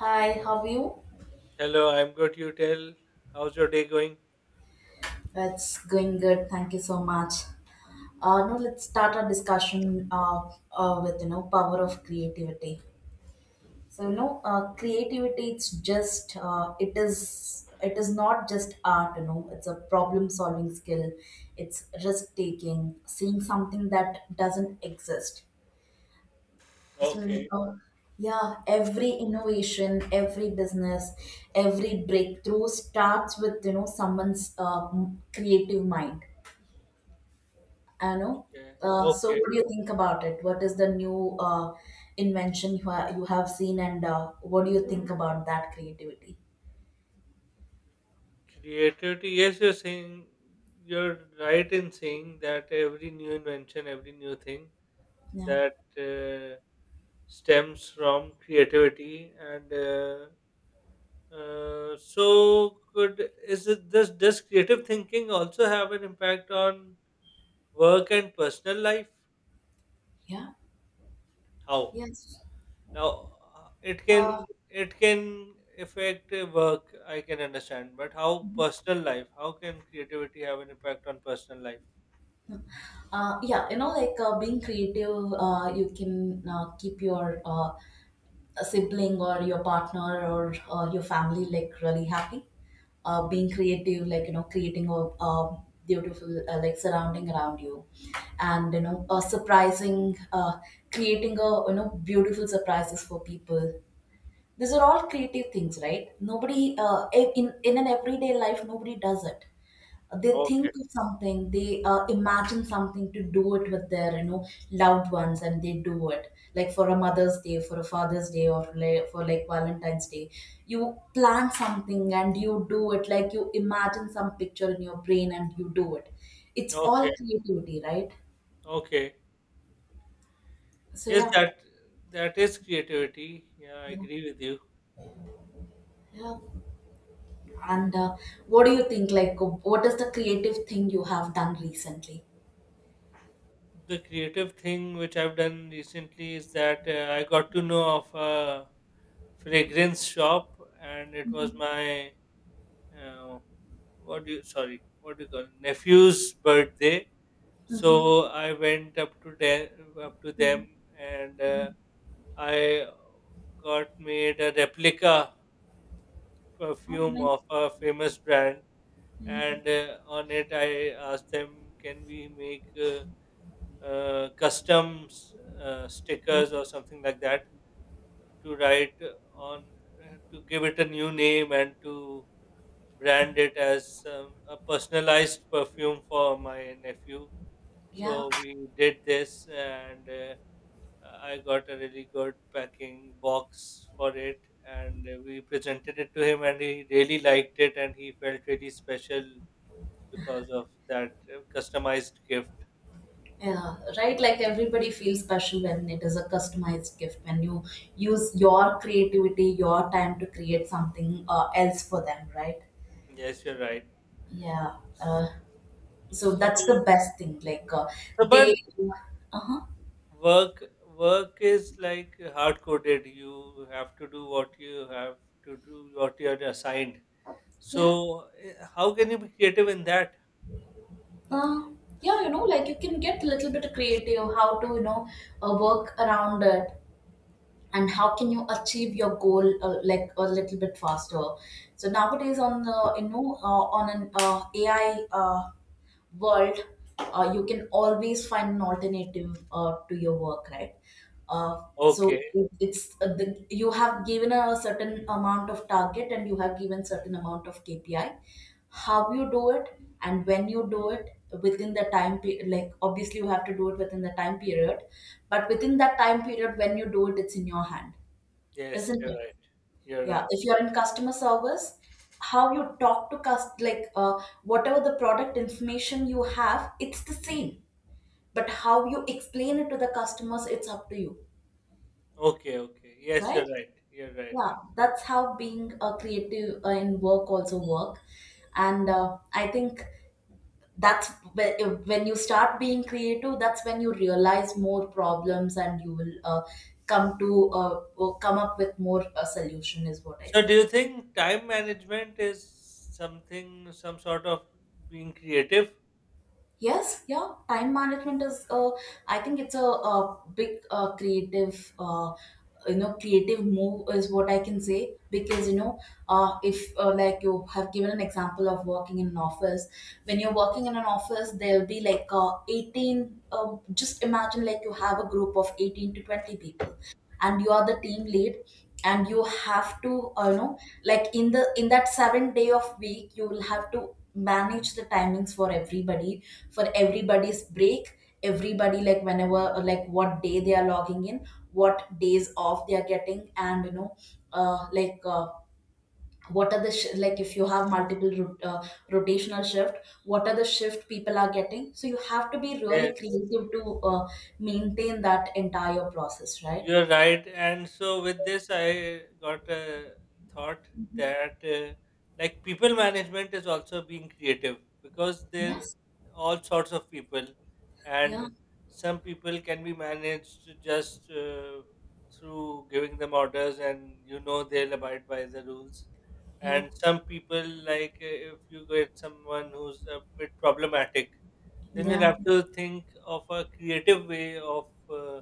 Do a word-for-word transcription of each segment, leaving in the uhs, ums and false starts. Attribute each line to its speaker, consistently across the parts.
Speaker 1: Hi, how are you?
Speaker 2: Hello, I'm good. You tell. How's your day going?
Speaker 1: It's going good. Thank you so much. Uh, now let's start our discussion uh, uh, with you know power of creativity. So you know, uh, creativity it's just uh, it is it is not just art. You know, it's a problem solving skill. It's risk taking, seeing something that doesn't exist. So,
Speaker 2: Okay,
Speaker 1: you know, yeah, every innovation, every business, every breakthrough starts with you know someone's um, creative mind. I know.
Speaker 2: okay,
Speaker 1: Uh, so,
Speaker 2: okay.
Speaker 1: what do you think about it? What is the new uh, invention you ha- you have seen, and uh, what do you think about that creativity?
Speaker 2: Creativity. Yes, you're saying you're right in saying that every new invention, every new thing
Speaker 1: Yeah.
Speaker 2: that uh, stems from creativity, and uh, uh, so could is it this does creative thinking also have an impact on work and personal life?
Speaker 1: Yeah.
Speaker 2: How?
Speaker 1: Yes.
Speaker 2: Now, uh, it
Speaker 1: Uh,
Speaker 2: can it can affect uh, work. I can understand, but how personal life? How can creativity have an impact on personal life?
Speaker 1: uh, yeah, you know, like uh, being creative, uh, you can uh, keep your uh, a sibling or your partner or uh, your family like really happy, uh, being creative, like you know creating a, a beautiful, uh, like, surrounding around you, and you know uh, surprising, uh, creating a you know beautiful surprises for people. These are all creative things, right? Nobody uh, e- in in an everyday life nobody does it. They think
Speaker 2: Okay,
Speaker 1: of something, they uh, imagine something to do it with their you know loved ones, and they do it like for a Mother's Day, for a Father's Day, or like, for like Valentine's Day. You plan something and you do it, like you imagine some picture in your brain and you do it. It's
Speaker 2: okay,
Speaker 1: all creativity, right?
Speaker 2: okay.
Speaker 1: So
Speaker 2: Yes,
Speaker 1: yeah,
Speaker 2: that that is creativity. Yeah, I
Speaker 1: yeah,
Speaker 2: agree with you.
Speaker 1: yeah. And uh, what do you think, like what is the creative thing you have done recently?
Speaker 2: The creative thing which I've done recently is that uh, I got to know of a fragrance shop, and it was
Speaker 1: Mm-hmm.
Speaker 2: my uh, what do you sorry what do you call it? Nephew's birthday.
Speaker 1: Mm-hmm.
Speaker 2: So I went up to them, up to
Speaker 1: Mm-hmm.
Speaker 2: them, and uh, I got made a replica
Speaker 1: Oh,
Speaker 2: perfume
Speaker 1: nice.
Speaker 2: of a famous brand,
Speaker 1: Mhm.
Speaker 2: and uh, on it I asked them, "Can we make uh, uh, custom s- uh,
Speaker 1: Yeah.
Speaker 2: stickers or something like that to write on, uh, to give it a new name and to brand it as um, a personalized perfume for my nephew?"
Speaker 1: Yeah.
Speaker 2: So we did this, and uh, I got a really good packing box for it, and uh, we presented it to him, and he really liked it, and he felt really special because of that uh, customized gift.
Speaker 1: Yeah, right. Like everybody feels special when it is a customized gift, when you use your creativity, your time to create something uh, else for them, right?
Speaker 2: Yes, you're right.
Speaker 1: Yeah. Uh, so that's the
Speaker 2: So,
Speaker 1: best thing. Like uh,
Speaker 2: so but
Speaker 1: they, uh huh,
Speaker 2: work work is like hard coded. You have to do what you have to do, what you are assigned.
Speaker 1: yeah,
Speaker 2: So, uh, how can you be creative in that?
Speaker 1: uh, yeah. You know, like you can get a little bit creative. How to you know uh, work around it, and how can you achieve your goal uh, like a little bit faster. So nowadays, on the you know uh, on an uh, A I Uh, world, uh, you can always find an alternative uh, to your work, right? Uh, so
Speaker 2: Okay.
Speaker 1: it, it's uh, the, you have given a certain amount of target, and you have given certain amount of K P I. How you do it and when you do it within the time period, like obviously you have to do it within the time period, but within that time period when you do it, it's in your hand,
Speaker 2: Yes,
Speaker 1: isn't
Speaker 2: you're
Speaker 1: it?
Speaker 2: right. You're
Speaker 1: Yeah,
Speaker 2: right.
Speaker 1: if you're in customer service, how you talk to cust like, uh, whatever the product information you have, it's the same. But how you explain it to the customers, it's up to you,
Speaker 2: Okay, okay. Yes,
Speaker 1: right?
Speaker 2: you're right. You're right.
Speaker 1: Yeah,
Speaker 2: You're right.
Speaker 1: that's how being a creative uh, in work also work. And uh, I think that's whe- if- when you start being creative, that's when you realize more problems and you will uh, come to uh, come up with more uh, solution is what I
Speaker 2: So, do
Speaker 1: say.
Speaker 2: you think time management is something, some sort of being creative?
Speaker 1: Yes, yeah. Time management is, uh, I think it's a, a big uh, creative, uh, you know, creative move is what I can say, because you know, uh, if uh, like you have given an example of working in an office, when you're working in an office, there'll be like uh, eighteen. Uh, just imagine like you have a group of eighteen to twenty people, and you are the team lead, and you have to, uh, you know, like in the in that seven day of week, you will have to manage the timings for everybody, for everybody's break, everybody, like whenever, like what day they are logging in, what days off they are getting, and you know uh, like uh, what are the sh- like if you have multiple ro- uh, rotational shift, what are the shift people are getting, so you have to be really
Speaker 2: Yes.
Speaker 1: creative to uh, maintain that entire process, right?
Speaker 2: You're right. And so with this, I got a thought that uh, like people management is also being creative because there
Speaker 1: Yes,
Speaker 2: all sorts of people,
Speaker 1: yeah,
Speaker 2: and some people can be managed just uh, through giving them orders, and you know they'll abide by the rules.
Speaker 1: yeah,
Speaker 2: And some people, like uh, if you get someone who's a bit problematic, then you'll
Speaker 1: yeah,
Speaker 2: have to think of a creative way of uh,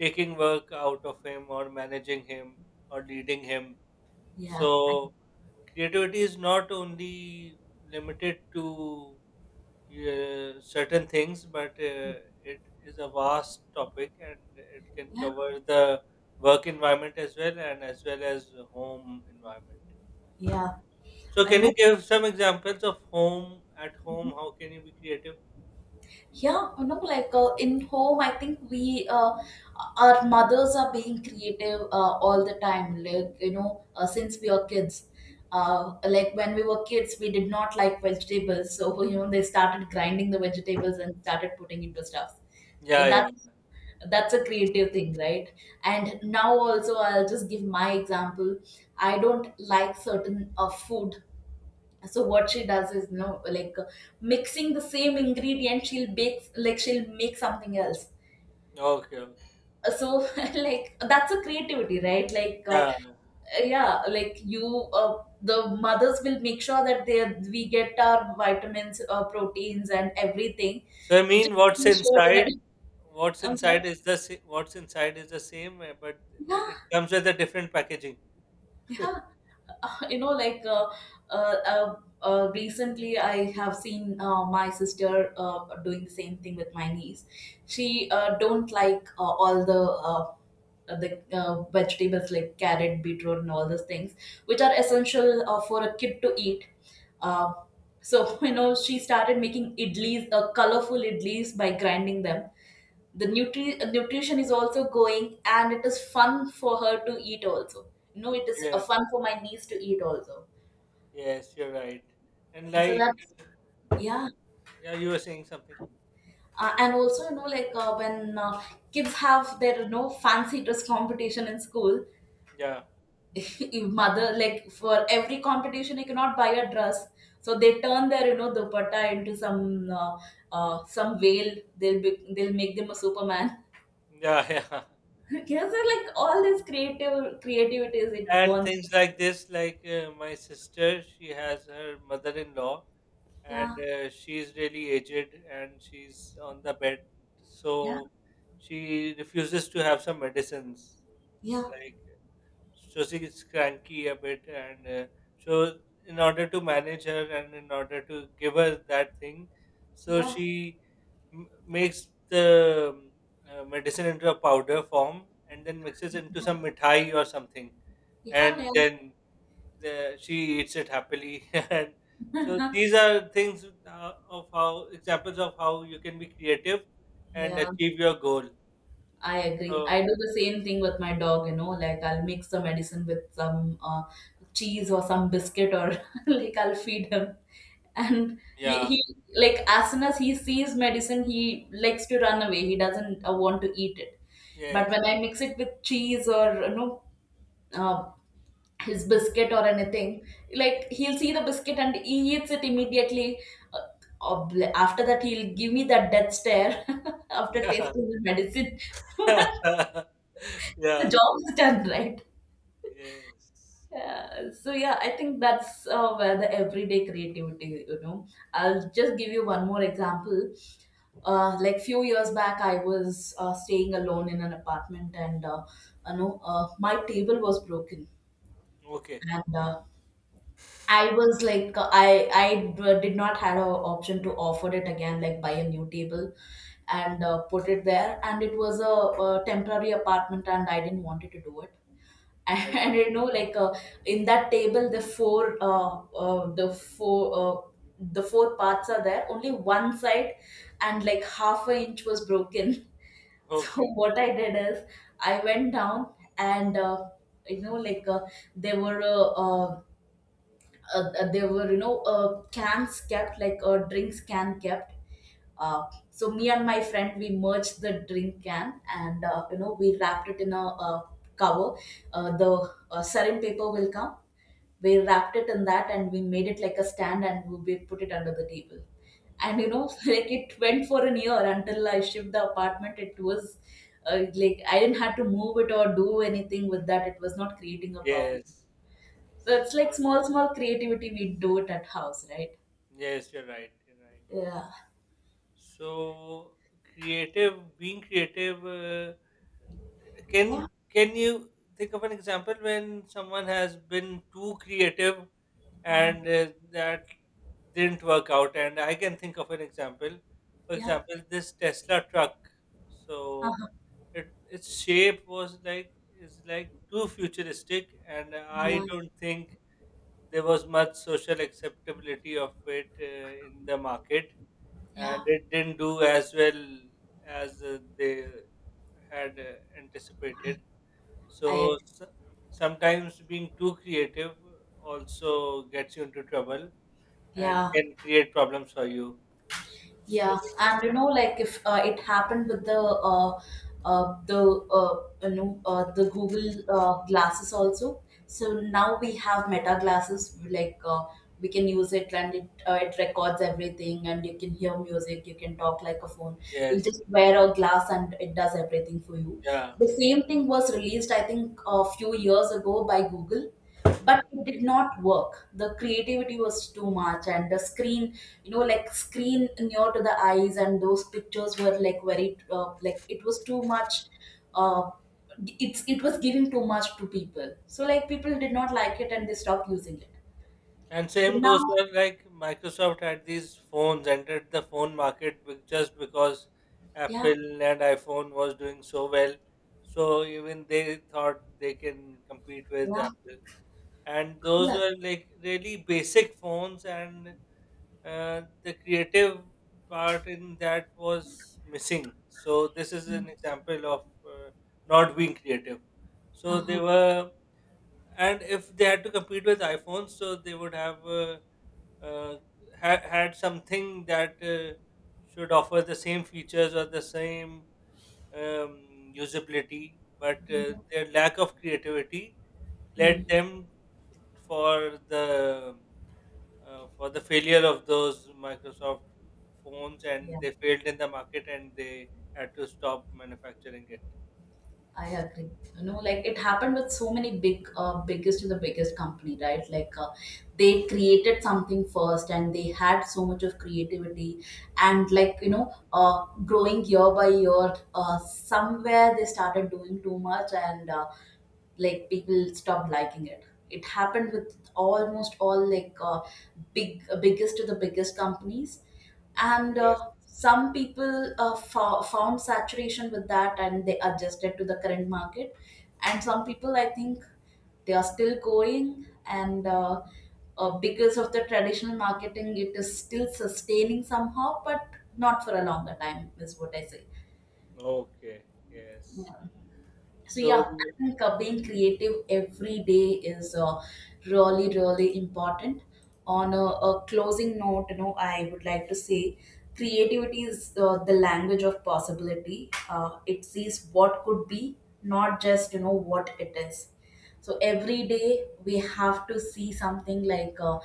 Speaker 2: taking work out of him or managing him or leading him.
Speaker 1: yeah, I-
Speaker 2: So creativity is not only limited to uh, certain things, but uh, it is a vast topic and it can
Speaker 1: yeah,
Speaker 2: cover the work environment as well and as well as home environment.
Speaker 1: yeah,
Speaker 2: So
Speaker 1: I
Speaker 2: can
Speaker 1: know.
Speaker 2: you give some examples of home, at home,
Speaker 1: Mm-hmm.
Speaker 2: how can you be creative?
Speaker 1: Yeah, you know, like uh, in home, I think we, uh, our mothers are being creative uh, all the time, like, you know, uh, since we are kids. Uh, like when we were kids, we did not like vegetables. So, you know, they started grinding the vegetables and started putting into stuff. So
Speaker 2: Yeah, yeah,
Speaker 1: that's, that's a creative thing, right?
Speaker 2: yeah.
Speaker 1: And now also, I'll just give my example. I don't like certain uh, food, so what she does is, you know like uh, mixing the same ingredient, she'll bake, like she'll make something else.
Speaker 2: Okay, okay.
Speaker 1: Uh, so, like, that's a creativity, right? Like uh,
Speaker 2: Yeah.
Speaker 1: yeah, like you, uh, the mothers will make sure that they we get our vitamins, uh, proteins, and everything,
Speaker 2: So I mean,
Speaker 1: just
Speaker 2: what's
Speaker 1: to show it
Speaker 2: inside?
Speaker 1: in— a-
Speaker 2: What's
Speaker 1: i'm sorry
Speaker 2: inside is the sa- what's inside is the same, uh, but w- it
Speaker 1: Yeah,
Speaker 2: comes with a different packaging.
Speaker 1: yeah, you know like uh, uh, uh, uh, recently I have seen uh, my sister uh, doing the same thing with my niece. She uh, don't like uh, all the uh, the uh, vegetables like carrot, beetroot, and all those things which are essential uh, for a kid to eat. uh, so, you know she started making idlis, uh, colorful idlis, by grinding them. the
Speaker 2: Mm.
Speaker 1: nutri- uh, nutrition is also going, and it is fun for her to eat also, you know it is uh,
Speaker 2: Yes.
Speaker 1: fun for my niece to eat also.
Speaker 2: Yes, you're right. And
Speaker 1: And so
Speaker 2: like,
Speaker 1: that's, yeah,
Speaker 2: yeah, you were saying something.
Speaker 1: uh, and also, you know like uh, when uh, kids have their you know fancy dress competition in school.
Speaker 2: Yeah.
Speaker 1: If mother, like, for every competition you cannot buy a dress, so they turn their you know dupatta into some uh, uh, some veil, they'll be, they'll make them a Superman.
Speaker 2: Yeah. Yeah.
Speaker 1: Yes, so like all this creative creativities, it
Speaker 2: And
Speaker 1: bonds.
Speaker 2: things like this, like uh, my sister, she has her mother-in-law, and
Speaker 1: Yeah,
Speaker 2: uh, she's really aged, and she's on the bed,
Speaker 1: yeah,
Speaker 2: so she refuses to have some medicines,
Speaker 1: yeah,
Speaker 2: like. So she's cranky a bit and uh, so in order to manage her and in order to give her that thing, so
Speaker 1: yeah,
Speaker 2: she m- makes the um, uh, medicine into a powder form and then mixes into some mithai or something,
Speaker 1: yeah, yeah.
Speaker 2: and then the, she eats it happily and so these are things uh, of how, examples of how you can be creative and
Speaker 1: Yeah,
Speaker 2: achieve your goal.
Speaker 1: I agree. I
Speaker 2: So
Speaker 1: do the same thing with my dog, you know, like I'll mix the medicine with some uh, cheese or some biscuit, or like I'll feed him. And he,
Speaker 2: yeah.
Speaker 1: he, like, as soon as he sees medicine, he likes to run away. He doesn't uh, want to eat it. But
Speaker 2: Yes.
Speaker 1: when I mix it with cheese or, you know, uh, his biscuit or anything, like he'll see the biscuit and he eats it immediately. Uh, ob- After that, he'll give me that death stare after
Speaker 2: yeah.
Speaker 1: tasting the medicine. The
Speaker 2: Yeah.
Speaker 1: job is done, right?
Speaker 2: Yes.
Speaker 1: Yeah. So yeah, I think that's uh, where the everyday creativity you know I'll just give you one more example. Uh, like few years back I was uh, staying alone in an apartment, and uh, you know uh, my table was broken.
Speaker 2: Okay.
Speaker 1: And uh, I was like, uh, I I uh, did not have an option to offer it again, like buy a new table and uh, put it there, and it was a, a temporary apartment and I didn't wanted to do it. And
Speaker 2: Okay.
Speaker 1: you know like uh, in that table, the four uh, uh, the four uh, the four parts are there, only one side, and like half a inch was broken. So
Speaker 2: Okay.
Speaker 1: what I did is, I went down, and uh, you know like uh, there were uh, uh, uh, there were, you know uh, cans kept, like uh, drinks can kept, uh, so me and my friend, we merged the drink can, and uh, you know we wrapped it in a, uh cover. Uh, the uh, sarin paper will come. We wrapped it in that, and we made it like a stand, and we we put it under the table. And you know, like, it went for an year until I shipped the apartment. It was uh, like, I didn't have to move it or do anything with that. It was not creating a problem.
Speaker 2: Yes.
Speaker 1: So it's like
Speaker 2: Uh,
Speaker 1: small small creativity we do it at house, right?
Speaker 2: yes, you're right. You're right.
Speaker 1: Yeah.
Speaker 2: So creative, being creative, uh, can
Speaker 1: Yeah.
Speaker 2: can you think of an example when someone has been too creative
Speaker 1: Uh-huh.
Speaker 2: and uh, that didn't work out. And I can think of an example. For
Speaker 1: Yeah.
Speaker 2: example, this Tesla truck. So it, its shape was like is like too futuristic, and
Speaker 1: Yeah,
Speaker 2: I don't think there was much social acceptability of it uh, in the market, and
Speaker 1: yeah,
Speaker 2: it didn't do as well as uh, they had uh, anticipated.
Speaker 1: I
Speaker 2: So s- sometimes being too creative also gets you into trouble and
Speaker 1: yeah,
Speaker 2: can create problems for you. So
Speaker 1: yeah, and you know, like if uh, it happened with the uh, uh, the uh, you know uh, the Google uh, glasses also. So now we have Meta glasses. Like uh, we can use it, and it uh, it records everything, and you can hear music. You can talk like a phone. You'll
Speaker 2: yes,
Speaker 1: just wear a glass, and it does everything for you.
Speaker 2: yeah.
Speaker 1: The same thing was released, I think, a few years ago by Google, but it did
Speaker 2: Okay.
Speaker 1: not work. The creativity was too much, and the screen, you know like, screen near to the eyes, and those pictures were like very, uh, like, it was too much uh, it's it was giving too much to people, so like people did not like it and they stopped using it.
Speaker 2: And
Speaker 1: So
Speaker 2: same goes
Speaker 1: now,
Speaker 2: for like Microsoft had these phones, entered the phone market be- just because
Speaker 1: yeah,
Speaker 2: Apple and iPhone was doing so well. So even they thought they can compete with
Speaker 1: yeah,
Speaker 2: Apple. And those
Speaker 1: yeah.
Speaker 2: were like really basic phones and uh, the creative part in that was missing. So this is an example of uh, not being creative. So they
Speaker 1: Uh-huh.
Speaker 2: were, and if they had to compete with iPhones, so they would have uh, uh, ha- had something that uh, should offer the same features or the same um, usability, but uh, their lack of creativity led
Speaker 1: Hmm.
Speaker 2: them for the uh, for the failure of those Microsoft phones, and
Speaker 1: Yeah.
Speaker 2: they failed in the market, and they had to stop manufacturing it.
Speaker 1: I agree. You know, like it happened with so many big, uh, biggest to the biggest company, right? Like uh, they created something first, and they had so much of creativity, and like, you know, uh, growing year by year. Uh, somewhere they started doing too much, and uh, like people stopped liking it it happened with almost all, like uh, big, uh, biggest to the biggest companies, and
Speaker 2: Yes.
Speaker 1: uh, some people uh, fo- found saturation with that and they adjusted to the current market, and some people, I think, they are still going, and uh, uh, because of the traditional marketing it is still sustaining somehow, but not for a longer time is what I say.
Speaker 2: Okay. Yes.
Speaker 1: So yeah,
Speaker 2: So we-
Speaker 1: I think uh, being creative every day is uh, really, really important. On a, a closing note, you know, I would like to say creativity is uh, the language of possibility. Uh, it sees what could be, not just you know what it is. So every day we have to see something like, uh,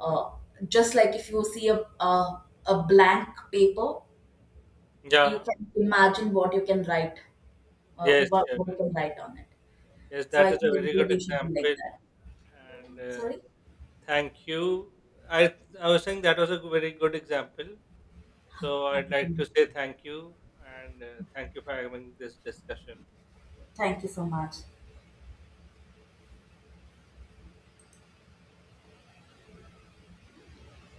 Speaker 1: uh, just like if you see a, a a blank paper, you
Speaker 2: yeah.
Speaker 1: can imagine what you can write, uh,
Speaker 2: Yes.
Speaker 1: what what you
Speaker 2: Sure.
Speaker 1: can write on it,
Speaker 2: Yes,
Speaker 1: so
Speaker 2: that
Speaker 1: I
Speaker 2: is
Speaker 1: think
Speaker 2: a very
Speaker 1: every
Speaker 2: good
Speaker 1: day should be
Speaker 2: example,
Speaker 1: like that.
Speaker 2: and uh,
Speaker 1: Sorry?
Speaker 2: thank you. I I was saying that was a very good example. So I'd
Speaker 1: Thank
Speaker 2: like
Speaker 1: you.
Speaker 2: to say thank you, and uh, thank you for having this discussion.
Speaker 1: Thank you so much.